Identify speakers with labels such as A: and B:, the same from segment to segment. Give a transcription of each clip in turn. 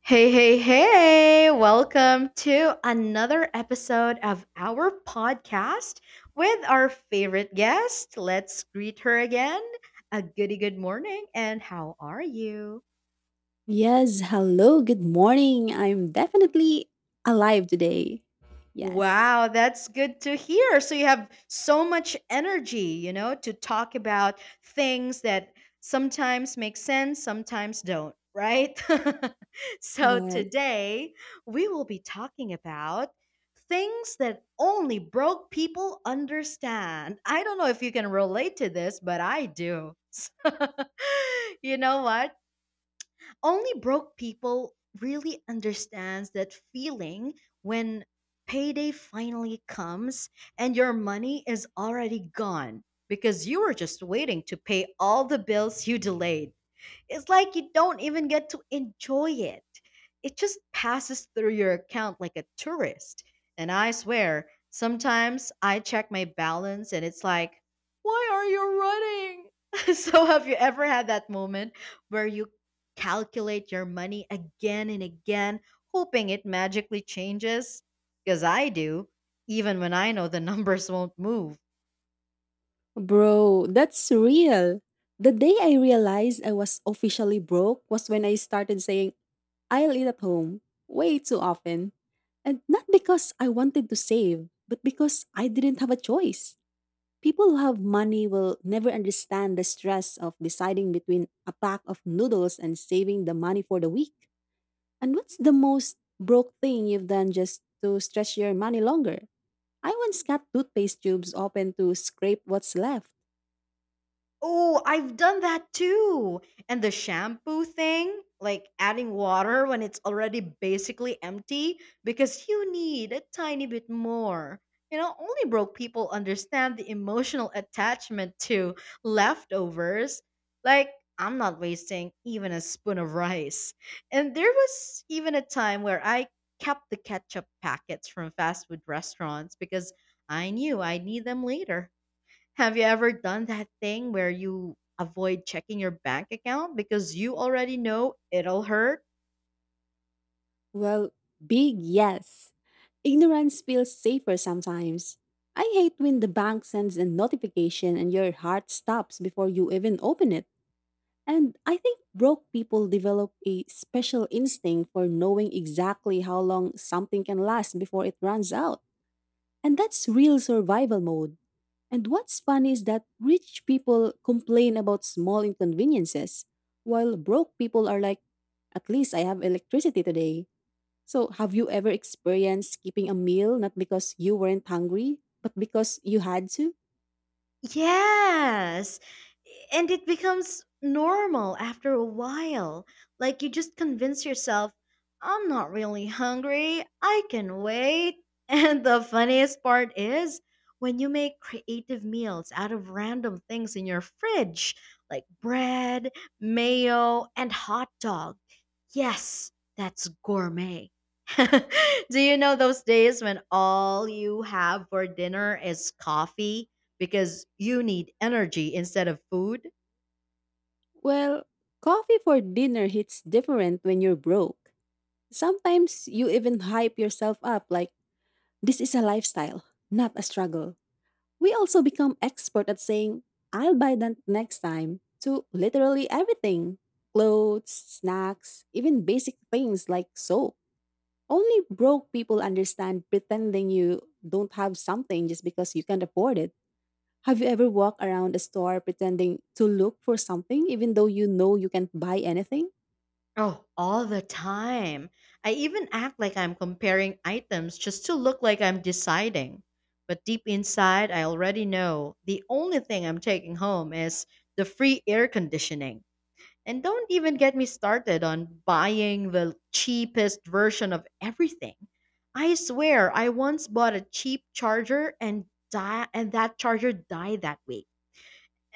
A: Hey, hey, hey! Welcome to another episode of our podcast with our favorite guest. Let's greet her again. A goody good morning, and how are you?
B: Yes, hello, good morning. I'm definitely alive today. Yes,
A: Wow, that's good to hear. So you have so much energy, to talk about things that sometimes make sense, sometimes don't, right? So
B: yes.
A: today we will be talking about things that only broke people understand. I don't know if you can relate to this, but I do. So, you know what? Only broke people really understands that feeling when payday finally comes and your money is already gone because you were just waiting to pay all the bills you delayed. It's like you don't even get to enjoy it. It just passes through your account like a tourist. And I swear, sometimes I check my balance and it's like, why are you running? So, have you ever had that moment where you calculate your money again and again, hoping it magically changes? Because I do, even when I know the numbers won't move.
B: Bro, that's real. The day I realized I was officially broke was when I started saying, I'll eat at home way too often. And not because I wanted to save, but because I didn't have a choice. People who have money will never understand the stress of deciding between a pack of noodles and saving the money for the week. And what's the most broke thing you've done just to stretch your money longer? I once cut toothpaste tubes open to scrape what's left.
A: Oh, I've done that too. And the shampoo thing, like adding water when it's already basically empty because you need a tiny bit more. Only broke people understand the emotional attachment to leftovers. Like, I'm not wasting even a spoon of rice. And there was even a time where I kept the ketchup packets from fast food restaurants because I knew I'd need them later. Have you ever done that thing where you avoid checking your bank account because you already know it'll hurt?
B: Well, big yes. Ignorance feels safer sometimes. I hate when the bank sends a notification and your heart stops before you even open it. And I think broke people develop a special instinct for knowing exactly how long something can last before it runs out. And that's real survival mode. And what's funny is that rich people complain about small inconveniences, while broke people are like, at least I have electricity today. So, have you ever experienced skipping a meal not because you weren't hungry, but because you had to?
A: Yes. And it becomes normal after a while. Like you just convince yourself, I'm not really hungry. I can wait. And the funniest part is when you make creative meals out of random things in your fridge, like bread, mayo, and hot dog. Yes, that's gourmet. Do you know those days when all you have for dinner is coffee? Because you need energy instead of food.
B: Well, coffee for dinner hits different when you're broke. Sometimes you even hype yourself up like, this is a lifestyle, not a struggle. We also become expert at saying, I'll buy that next time to literally everything clothes, snacks, even basic things like soap. Only broke people understand pretending you don't have something just because you can't afford it. Have you ever walked around a store pretending to look for something even though you know you can't buy anything?
A: Oh, all the time. I even act like I'm comparing items just to look like I'm deciding. But deep inside, I already know the only thing I'm taking home is the free air conditioning. And don't even get me started on buying the cheapest version of everything. I swear, I once bought a cheap charger and and that charger died that week.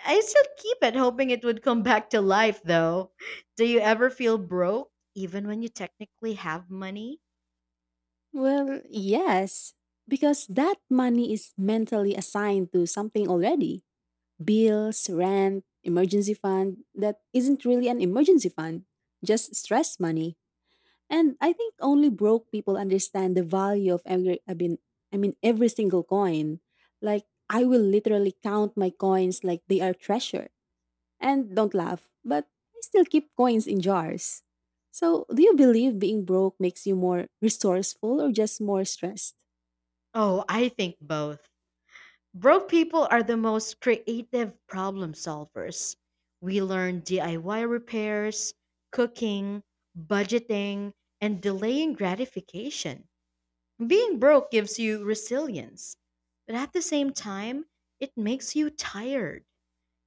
A: I still keep it hoping it would come back to life though. Do you ever feel broke even when you technically have money?
B: Well, yes, because that money is mentally assigned to something already. Bills, rent, emergency fund that isn't really an emergency fund, just stress money. And I think only broke people understand the value of every I mean every single coin. Like I will literally count my coins like they are treasure. And don't laugh, but I still keep coins in jars. So, do you believe being broke makes you more resourceful or just more stressed?
A: Oh, I think both. Broke people are the most creative problem solvers. We learn DIY repairs, cooking, budgeting, and delaying gratification. Being broke gives you resilience, but at the same time, it makes you tired.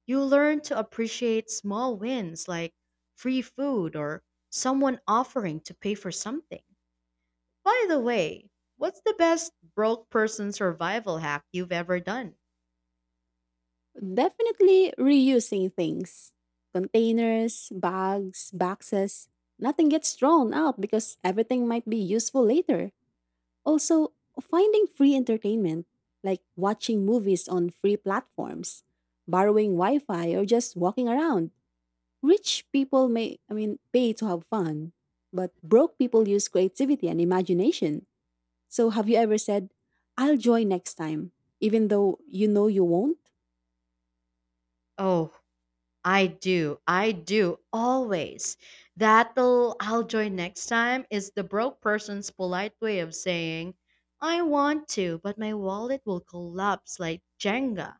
A: You learn to appreciate small wins like free food or someone offering to pay for something. By the way, what's the best broke person survival hack you've ever done?
B: Definitely reusing things. Containers, bags, boxes. Nothing gets thrown out because everything might be useful later. Also, finding free entertainment, like watching movies on free platforms, borrowing Wi Fi, or just walking around. Rich people I mean, pay to have fun, but broke people use creativity and imagination. So, have you ever said, I'll join next time, even though you know you won't?
A: Oh, I do. I do. Always. That'll I'll join next time is the broke person's polite way of saying, I want to, but my wallet will collapse like Jenga.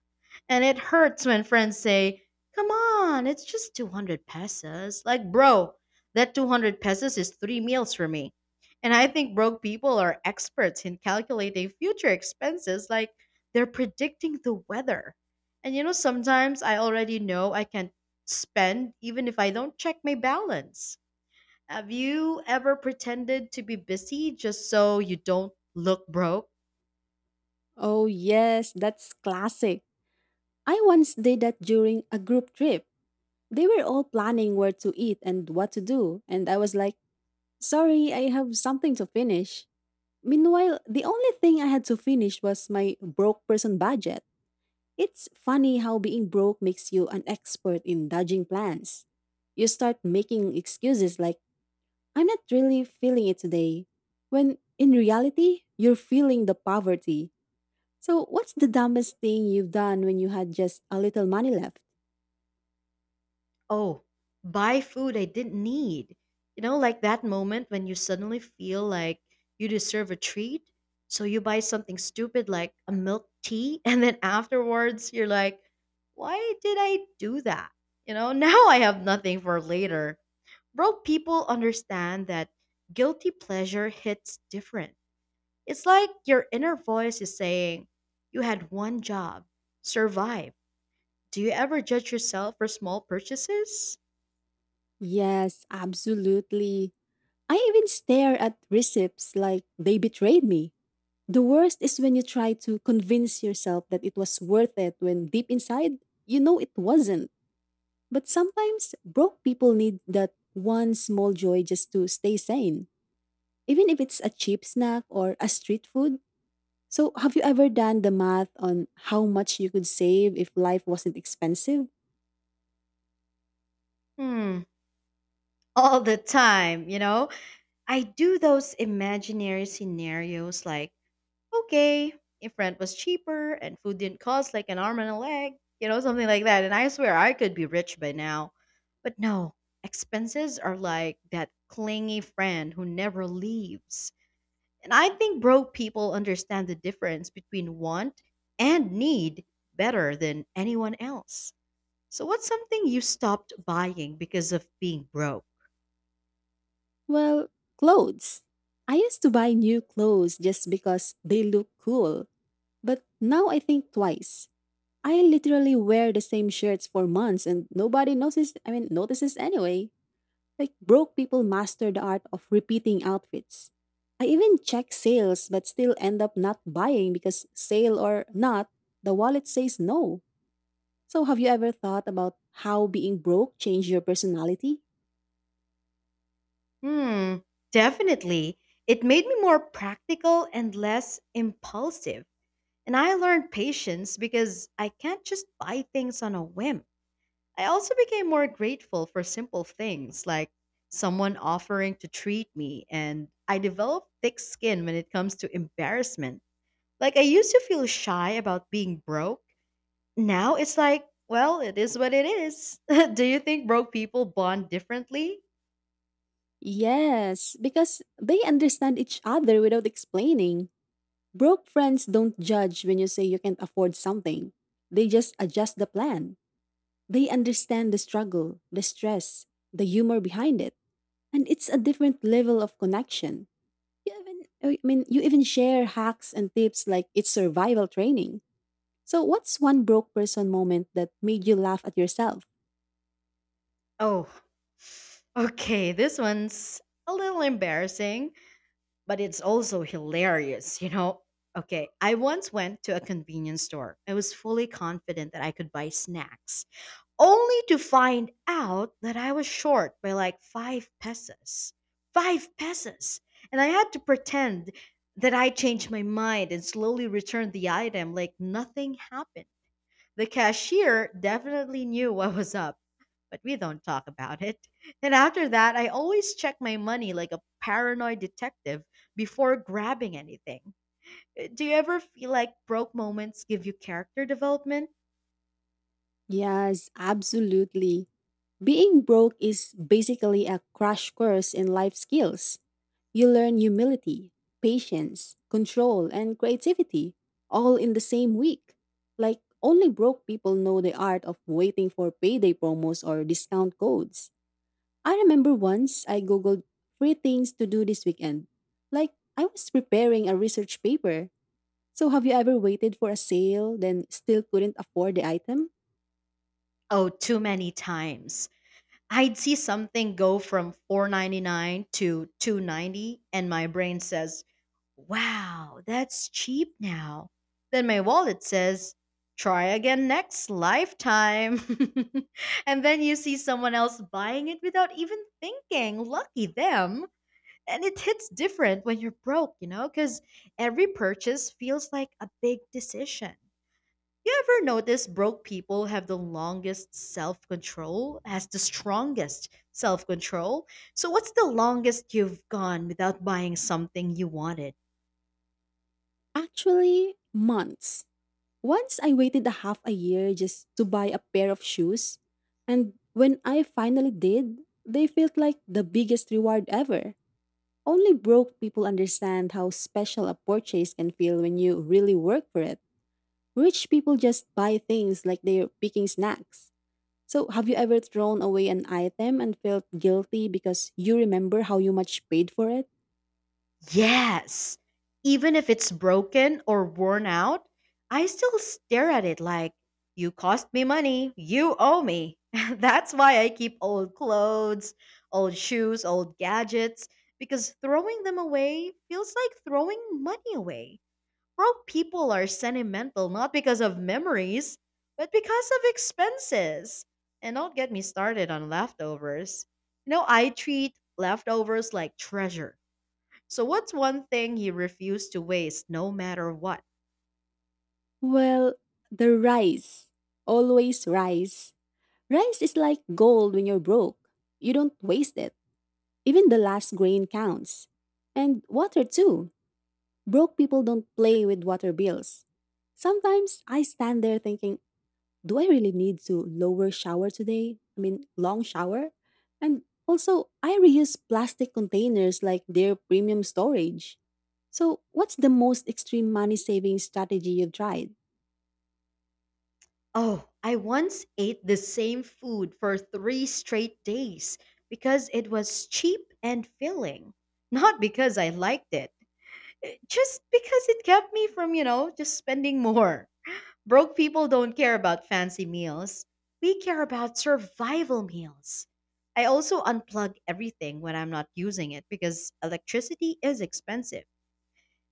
A: And it hurts when friends say, come on, it's just 200 pesos. Like, bro, that 200 pesos is 3 meals for me. And I think broke people are experts in calculating future expenses like they're predicting the weather. And sometimes I already know I can't spend even if I don't check my balance. Have you ever pretended to be busy just so you don't look broke?
B: Oh, yes, that's classic. I once did that during a group trip. They were all planning where to eat and what to do, and I was like, sorry, I have something to finish. Meanwhile, the only thing I had to finish was my broke person budget. It's funny how being broke makes you an expert in dodging plans. You start making excuses like, I'm not really feeling it today, when in reality, you're feeling the poverty. So, what's the dumbest thing you've done when you had just a little money left?
A: Oh, buy food I didn't need. Like that moment when you suddenly feel like you deserve a treat. So you buy something stupid like a milk tea, and then afterwards you're like, why did I do that? Now I have nothing for later. Broke people understand that guilty pleasure hits different. It's like your inner voice is saying, you had one job, survive. Do you ever judge yourself for small purchases?
B: Yes, absolutely. I even stare at receipts like they betrayed me. The worst is when you try to convince yourself that it was worth it when deep inside, you know it wasn't. But sometimes broke people need that one small joy just to stay sane, even if it's a cheap snack or a street food. So, have you ever done the math on how much you could save if life wasn't expensive?
A: Hmm, all the time, I do those imaginary scenarios like, okay, if rent was cheaper and food didn't cost like an arm and a leg, something like that. And I swear I could be rich by now. But no, expenses are like that clingy friend who never leaves. And I think broke people understand the difference between want and need better than anyone else. So, what's something you stopped buying because of being broke?
B: Well, clothes. I used to buy new clothes just because they look cool, but now I think twice. I literally wear the same shirts for months and nobody notices anyway. Like broke people master the art of repeating outfits. I even check sales but still end up not buying because sale or not, the wallet says no. So have you ever thought about how being broke changed your personality?
A: Hmm, definitely. It made me more practical and less impulsive. And I learned patience because I can't just buy things on a whim. I also became more grateful for simple things like someone offering to treat me, and I developed thick skin when it comes to embarrassment. Like I used to feel shy about being broke. Now it's like, well, it is what it is. Do you think broke people bond differently?
B: Yes, because they understand each other without explaining. Broke friends don't judge when you say you can't afford something. They just adjust the plan. They understand the struggle, the stress, the humor behind it. And it's a different level of connection. You even share hacks and tips like it's survival training. So what's one broke person moment that made you laugh at yourself?
A: Oh, okay. This one's a little embarrassing, but it's also hilarious, Okay, I once went to a convenience store. I was fully confident that I could buy snacks, only to find out that I was short by like 5 pesos. 5 pesos! And I had to pretend that I changed my mind and slowly returned the item like nothing happened. The cashier definitely knew what was up, but we don't talk about it. And after that, I always check my money like a paranoid detective before grabbing anything. Do you ever feel like broke moments give you character development?
B: Yes, absolutely. Being broke is basically a crash course in life skills. You learn humility, patience, control, and creativity all in the same week. Like, only broke people know the art of waiting for payday promos or discount codes. I remember once I googled free things to do this weekend. Like, I was preparing a research paper. So, have you ever waited for a sale, then still couldn't afford the item?
A: Oh, too many times. I'd see something go from 4.99 to 2.90 and my brain says, "Wow, that's cheap now." Then my wallet says, "Try again next lifetime." And then you see someone else buying it without even thinking. Lucky them. And it hits different when you're broke, cuz every purchase feels like a big decision. You ever notice broke people have the longest self control, has the strongest self control? So, what's the longest you've gone without buying something you wanted?
B: Actually, months. Once I waited a half a year just to buy a pair of shoes, and when I finally did, they felt like the biggest reward ever. Only broke people understand how special a purchase can feel when you really work for it. Rich people just buy things like they're picking snacks. So, have you ever thrown away an item and felt guilty because you remember how you much paid for it?
A: Yes! Even if it's broken or worn out, I still stare at it like, you cost me money, you owe me. That's why I keep old clothes, old shoes, old gadgets, because throwing them away feels like throwing money away. Broke people are sentimental not because of memories, but because of expenses. And don't get me started on leftovers. I treat leftovers like treasure. So, what's one thing you refuse to waste no matter what?
B: Well, the rice. Always rice. Rice is like gold when you're broke. You don't waste it. Even the last grain counts. And water too. Broke people don't play with water bills. Sometimes I stand there thinking, do I really need to lower shower today? I mean, long shower? And also, I reuse plastic containers like their premium storage. So, what's the most extreme money saving strategy you've tried?
A: Oh, I once ate the same food for 3 straight days because it was cheap and filling, not because I liked it, eh, just because it kept me from, just spending more. Broke people don't care about fancy meals. We care about survival meals. I also unplug everything when I'm not using it because electricity is expensive.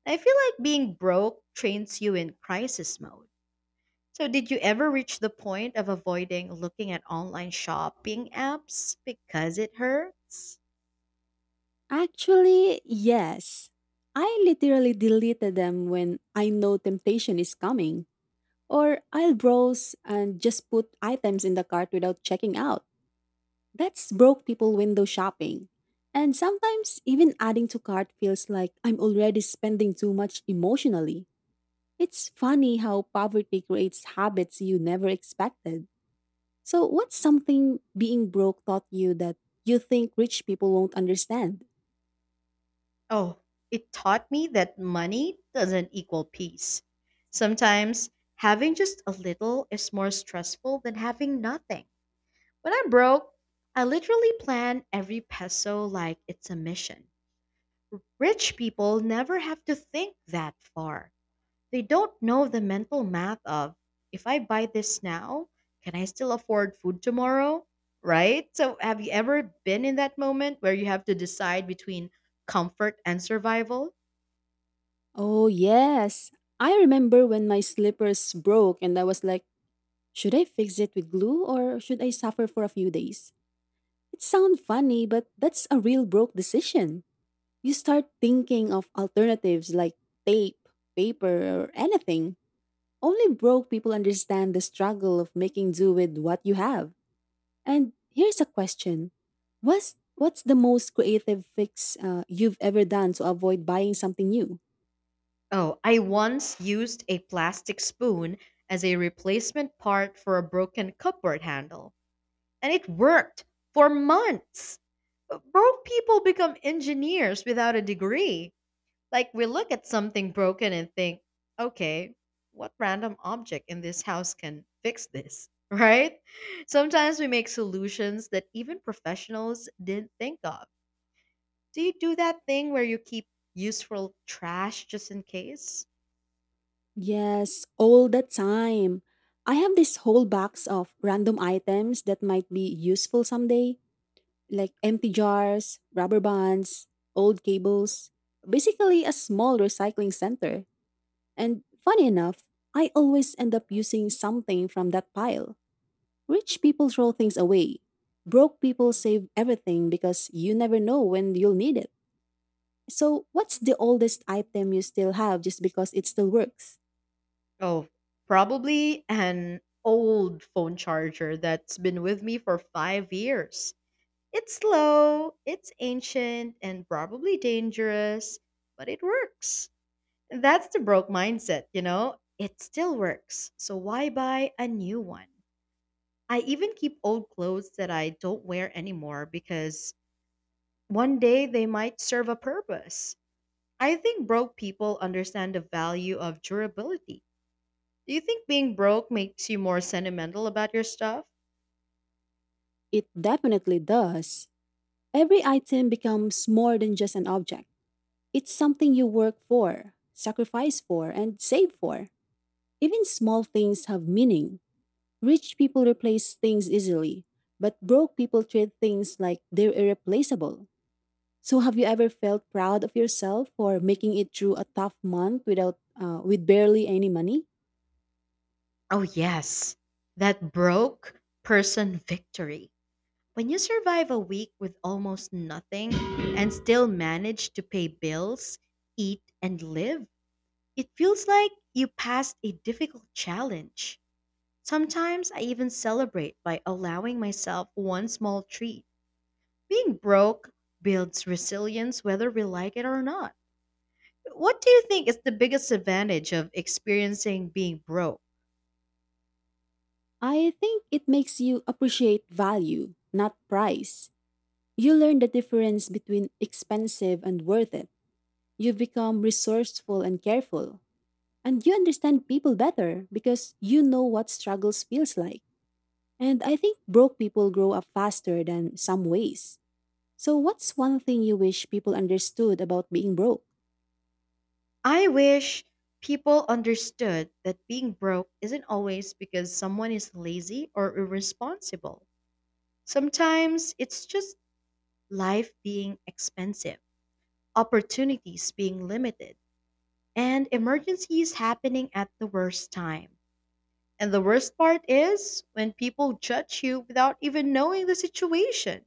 A: I feel like being broke trains you in crisis mode. So, did you ever reach the point of avoiding looking at online shopping apps because it hurts?
B: Actually, yes. I literally deleted them when I know temptation is coming. Or I'll browse and just put items in the cart without checking out. That's broke people window shopping. And sometimes even adding to cart feels like I'm already spending too much emotionally. It's funny how poverty creates habits you never expected. So, what's something being broke taught you that you think rich people won't understand?
A: Oh, it taught me that money doesn't equal peace. Sometimes having just a little is more stressful than having nothing. When I'm broke, I literally plan every peso like it's a mission. Rich people never have to think that far. They don't know the mental math of, if I buy this now, can I still afford food tomorrow? Right? So, have you ever been in that moment where you have to decide between comfort and survival?
B: Oh, yes. I remember when my slippers broke and I was like, should I fix it with glue or should I suffer for a few days? It sounds funny, but that's a real broke decision. You start thinking of alternatives like tape, paper, or anything. Only broke people understand the struggle of making do with what you have. And here's a question. What's the most creative fix you've ever done to avoid buying something new?
A: Oh, I once used a plastic spoon as a replacement part for a broken cupboard handle, and it worked for months. Broke people become engineers without a degree. Like, we look at something broken and think, okay, what random object in this house can fix this, right? Sometimes we make solutions that even professionals didn't think of. Do you do that thing where you keep useful trash just in case?
B: Yes, all the time. I have this whole box of random items that might be useful someday, like empty jars, rubber bands, old cables, basically a small recycling center. And funny enough, I always end up using something from that pile. Rich people throw things away. Broke people save everything because you never know when you'll need it. So, what's the oldest item you still have just because it still works?
A: Oh, probably an old phone charger that's been with me for 5 years. It's slow, it's ancient, and probably dangerous, but it works. That's the broke mindset, It still works. So why buy a new one? I even keep old clothes that I don't wear anymore because one day they might serve a purpose. I think broke people understand the value of durability. Do you think being broke makes you more sentimental about your stuff?
B: It definitely does. Every item becomes more than just an object. It's something you work for, sacrifice for, and save for. Even small things have meaning. Rich people replace things easily, but broke people treat things like they're irreplaceable. So, have you ever felt proud of yourself for making it through a tough month without, with barely any money?
A: Oh, yes. That broke person victory. When you survive a week with almost nothing and still manage to pay bills, eat, and live, it feels like you passed a difficult challenge. Sometimes I even celebrate by allowing myself one small treat. Being broke builds resilience whether we like it or not. What do you think is the biggest advantage of experiencing being broke?
B: I think it makes you appreciate value, not price. You learn the difference between expensive and worth it. You become resourceful and careful, and you understand people better because you know what struggles feels like. And I think broke people grow up faster than some ways. So what's one thing you wish people understood about being broke?
A: I wish people understood that being broke isn't always because someone is lazy or irresponsible. Sometimes it's just life being expensive, opportunities being limited, and emergencies happening at the worst time. And the worst part is when people judge you without even knowing the situation.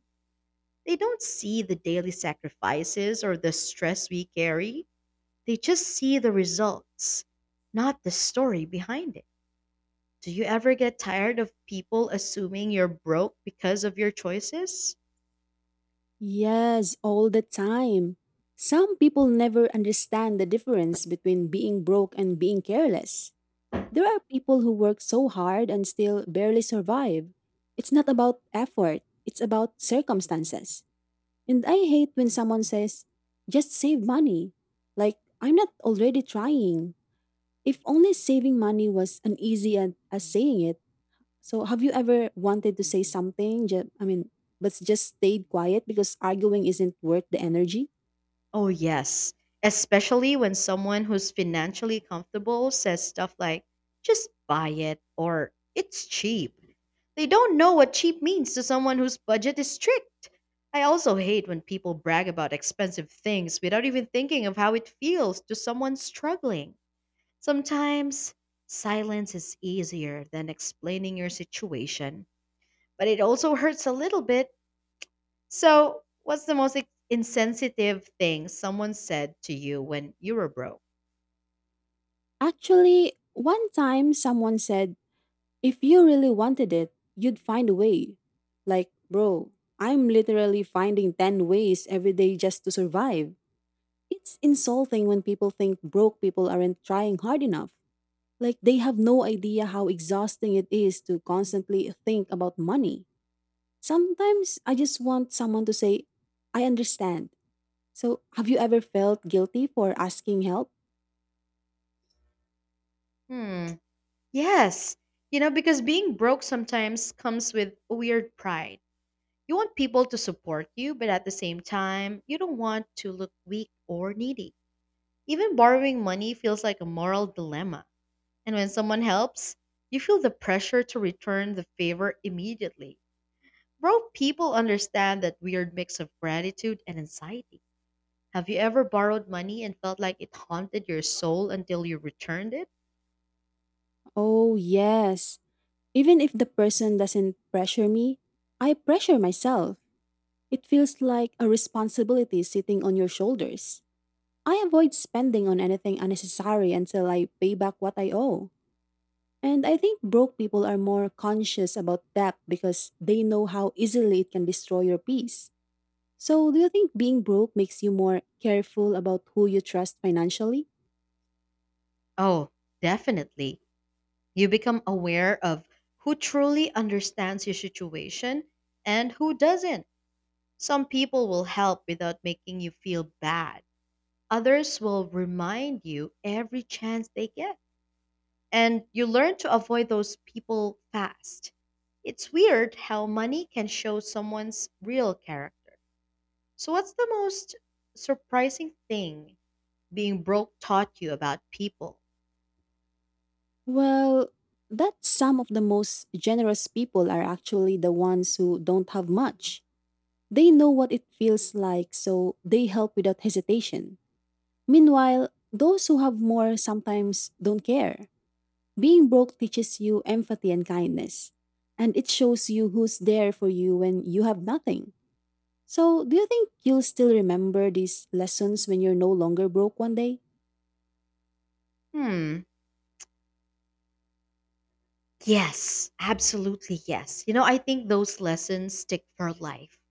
A: They don't see the daily sacrifices or the stress we carry. They just see the results, not the story behind it. Do you ever get tired of people assuming you're broke because of your choices?
B: Yes, all the time. Some people never understand the difference between being broke and being careless. There are people who work so hard and still barely survive. It's not about effort, it's about circumstances. And I hate when someone says, just save money. Like, I'm not already trying. If only saving money was an easy as saying it. So, have you ever wanted to say something? I mean, but just stayed quiet because arguing isn't worth the energy?
A: Oh, yes. Especially when someone who's financially comfortable says stuff like, just buy it, or it's cheap. They don't know what cheap means to someone whose budget is strict. I also hate when people brag about expensive things without even thinking of how it feels to someone struggling. Sometimes silence is easier than explaining your situation, but it also hurts a little bit. So, what's the most insensitive thing someone said to you when you were broke?
B: Actually, one time someone said, if you really wanted it, you'd find a way. Like, bro, I'm literally finding 10 ways every day just to survive. It's insulting when people think broke people aren't trying hard enough. Like they have no idea how exhausting it is to constantly think about money. Sometimes I just want someone to say, I understand. So, have you ever felt guilty for asking help?
A: Hmm. Yes. You know, because being broke sometimes comes with a weird pride. You want people to support you, but at the same time, you don't want to look weak or needy. Even borrowing money feels like a moral dilemma. And when someone helps, you feel the pressure to return the favor immediately. Broke people understand that weird mix of gratitude and anxiety. Have you ever borrowed money and felt like it haunted your soul until you returned it?
B: Oh, yes. Even if the person doesn't pressure me, I pressure myself. It feels like a responsibility sitting on your shoulders. I avoid spending on anything unnecessary until I pay back what I owe. And I think broke people are more conscious about debt because they know how easily it can destroy your peace. So, do you think being broke makes you more careful about who you trust financially?
A: Oh, definitely. You become aware of who truly understands your situation and who doesn't. Some people will help without making you feel bad, others will remind you every chance they get. And you learn to avoid those people fast. It's weird how money can show someone's real character. So, what's the most surprising thing being broke taught you about people?
B: Well, that some of the most generous people are actually the ones who don't have much. They know what it feels like, so they help without hesitation. Meanwhile, those who have more sometimes don't care. Being broke teaches you empathy and kindness, and it shows you who's there for you when you have nothing. So, do you think you'll still remember these lessons when you're no longer broke one day?
A: Hmm. Yes, absolutely yes. You know, I think those lessons stick for life.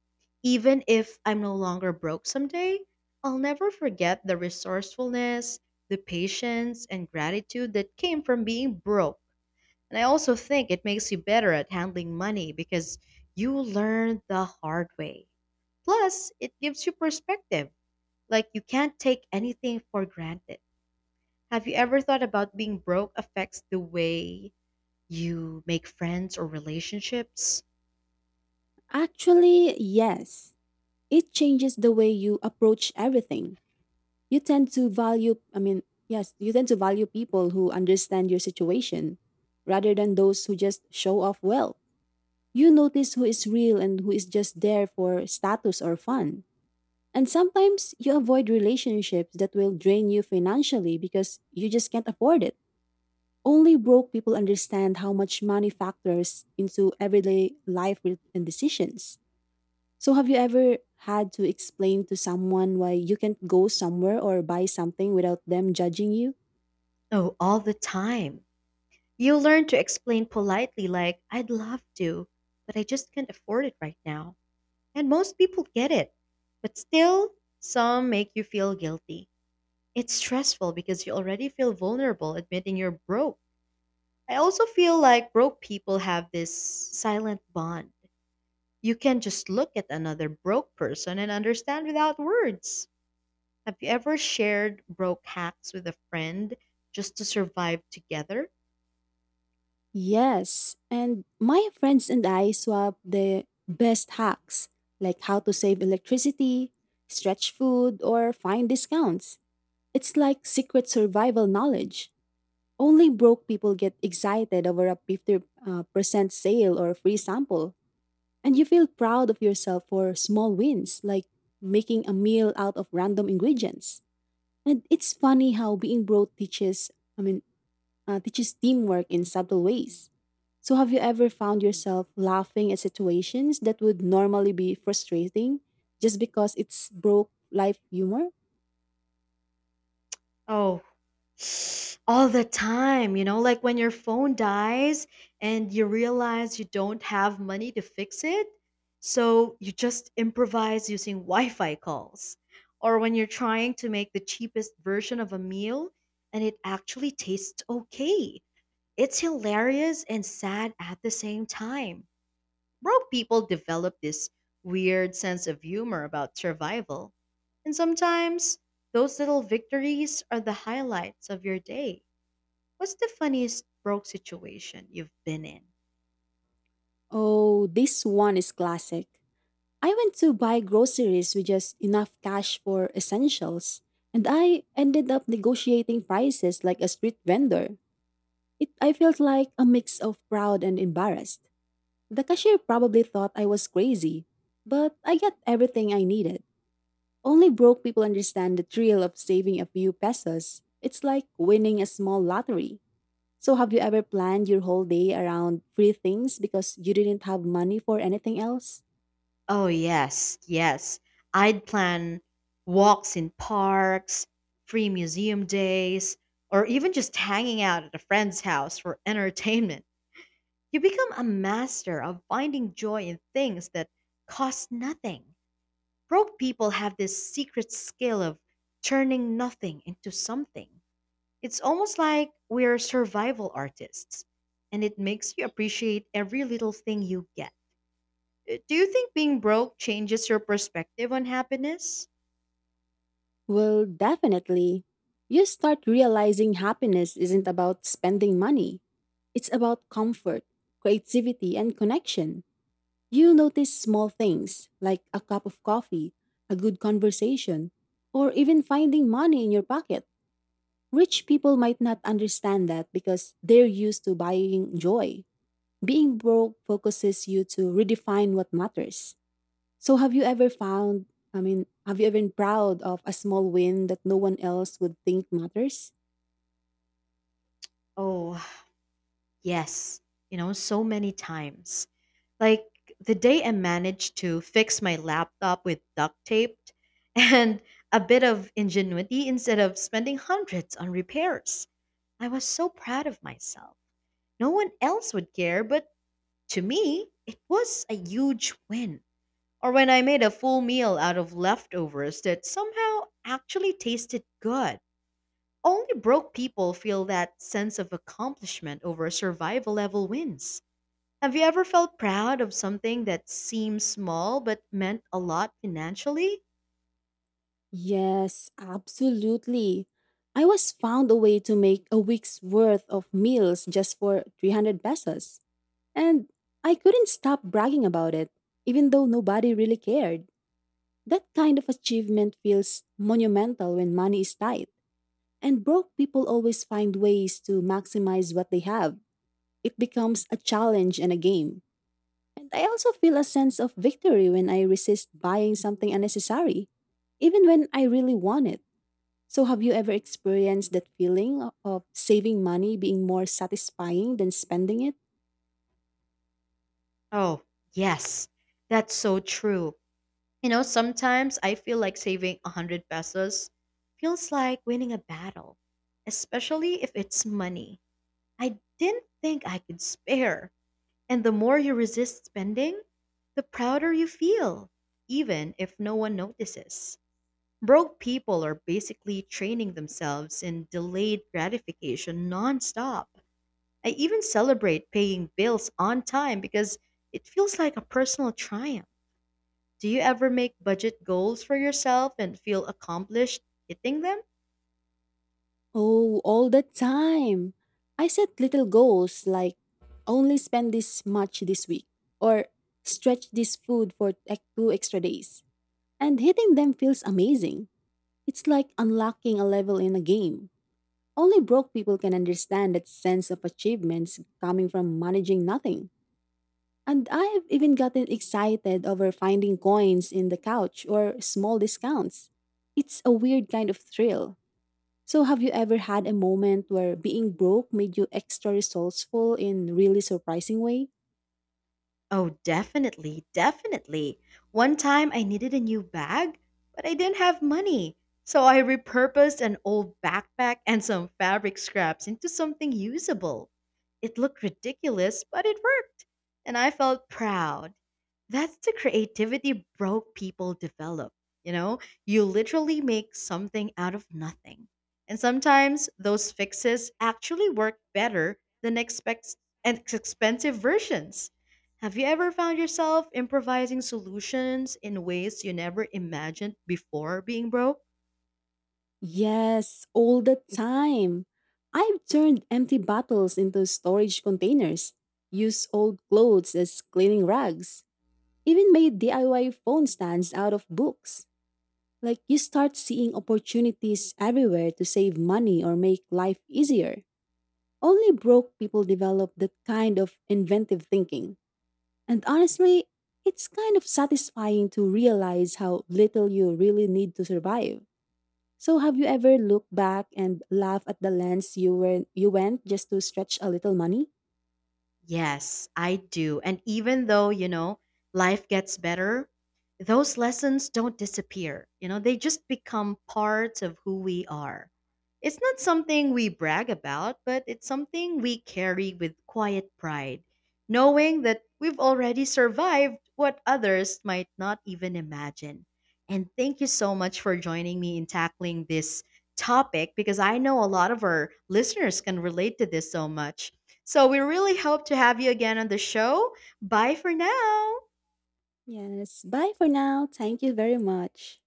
A: Even if I'm no longer broke someday, I'll never forget the resourcefulness, the patience, and gratitude that came from being broke. And I also think it makes you better at handling money because you learn the hard way. Plus, it gives you perspective. Like, you can't take anything for granted. Have you ever thought about being broke affects the way you make friends or relationships?
B: Actually, yes. It changes the way you approach everything. You tend to value, I mean, yes, you tend to value people who understand your situation rather than those who just show off well. You notice who is real and who is just there for status or fun. And sometimes you avoid relationships that will drain you financially because you just can't afford it. Only broke people understand how much money factors into everyday life and decisions. So, have you ever had to explain to someone why you can't go somewhere or buy something without them judging you?
A: Oh, all the time. You learn to explain politely, like, I'd love to, but I just can't afford it right now. And most people get it. But still, some make you feel guilty. It's stressful because you already feel vulnerable admitting you're broke. I also feel like broke people have this silent bond. You can just look at another broke person and understand without words. Have you ever shared broke hacks with a friend just to survive together?
B: Yes. And my friends and I swap the best hacks, like how to save electricity, stretch food, or find discounts. It's like secret survival knowledge. Only broke people get excited over a 50% sale or a free sample. And you feel proud of yourself for small wins, like making a meal out of random ingredients. And it's funny how being broke teaches, I mean, teaches teamwork in subtle ways. So, have you ever found yourself laughing at situations that would normally be frustrating just because it's broke life humor?
A: Oh, all the time, you know, like when your phone dies and you realize you don't have money to fix it. So you just improvise using Wi Fi calls. Or when you're trying to make the cheapest version of a meal and it actually tastes okay. It's hilarious and sad at the same time. Broke people develop this weird sense of humor about survival. And sometimes those little victories are the highlights of your day. What's the funniest broke situation you've been in?
B: Oh, this one is classic. I went to buy groceries with just enough cash for essentials, and I ended up negotiating prices like a street vendor. I felt like a mix of proud and embarrassed. The cashier probably thought I was crazy, but I got everything I needed. Only broke people understand the thrill of saving a few pesos. It's like winning a small lottery. So, have you ever planned your whole day around free things because you didn't have money for anything else?
A: Oh, yes, yes. I'd plan walks in parks, free museum days, or even just hanging out at a friend's house for entertainment. You become a master of finding joy in things that cost nothing. Broke people have this secret skill of turning nothing into something. It's almost like we're survival artists, and it makes you appreciate every little thing you get. Do you think being broke changes your perspective on happiness?
B: Well, definitely. You start realizing happiness isn't about spending money, it's about comfort, creativity, and connection. You notice small things like a cup of coffee, a good conversation, or even finding money in your pocket. Rich people might not understand that because they're used to buying joy. Being broke focuses you to redefine what matters. So have you ever found, I mean, have you ever been proud of a small win that no one else would think matters?
A: Oh, yes. You know, so many times. Like the day I managed to fix my laptop with duct tape and a bit of ingenuity instead of spending hundreds on repairs. I was so proud of myself. No one else would care, but to me, it was a huge win. Or when I made a full meal out of leftovers that somehow actually tasted good. Only broke people feel that sense of accomplishment over survival level wins. Have you ever felt proud of something that seemed small but meant a lot financially?
B: Yes, absolutely. I was found a way to make a week's worth of meals just for 300 pesos. And I couldn't stop bragging about it, even though nobody really cared. That kind of achievement feels monumental when money is tight. And broke people always find ways to maximize what they have. It becomes a challenge and a game. And I also feel a sense of victory when I resist buying something unnecessary, even when I really want it. So, have you ever experienced that feeling of saving money being more satisfying than spending it?
A: Oh, yes, that's so true. You know, sometimes I feel like saving 100 pesos feels like winning a battle, especially if it's money I didn't think I could spare. And the more you resist spending, the prouder you feel, even if no one notices. Broke people are basically training themselves in delayed gratification nonstop. I even celebrate paying bills on time because it feels like a personal triumph. Do you ever make budget goals for yourself and feel accomplished hitting them?
B: Oh, all the time. I set little goals like only spend this much this week or stretch this food for like two extra days. And hitting them feels amazing. It's like unlocking a level in a game. Only broke people can understand that sense of achievements coming from managing nothing. And I've even gotten excited over finding coins in the couch or small discounts. It's a weird kind of thrill. So, have you ever had a moment where being broke made you extra resourceful in really surprising way?
A: Oh, definitely, definitely. One time I needed a new bag, but I didn't have money. So I repurposed an old backpack and some fabric scraps into something usable. It looked ridiculous, but it worked, and I felt proud. That's the creativity broke people develop. You know, you literally make something out of nothing. And sometimes those fixes actually work better than expensive versions. Have you ever found yourself improvising solutions in ways you never imagined before being broke?
B: Yes, all the time. I've turned empty bottles into storage containers, used old clothes as cleaning rags. Even made DIY phone stands out of books. Like you start seeing opportunities everywhere to save money or make life easier. Only broke people develop that kind of inventive thinking. And honestly, it's kind of satisfying to realize how little you really need to survive. So have you ever looked back and laughed at the lengths you went just to stretch a little money?
A: Yes, I do. And even though, you know, life gets better, those lessons don't disappear. You know, they just become parts of who we are. It's not something we brag about, but it's something we carry with quiet pride, knowing that we've already survived what others might not even imagine. And thank you so much for joining me in tackling this topic because I know a lot of our listeners can relate to this so much. So we really hope to have you again on the show. Bye for now.
B: Yes. Bye for now. Thank you very much.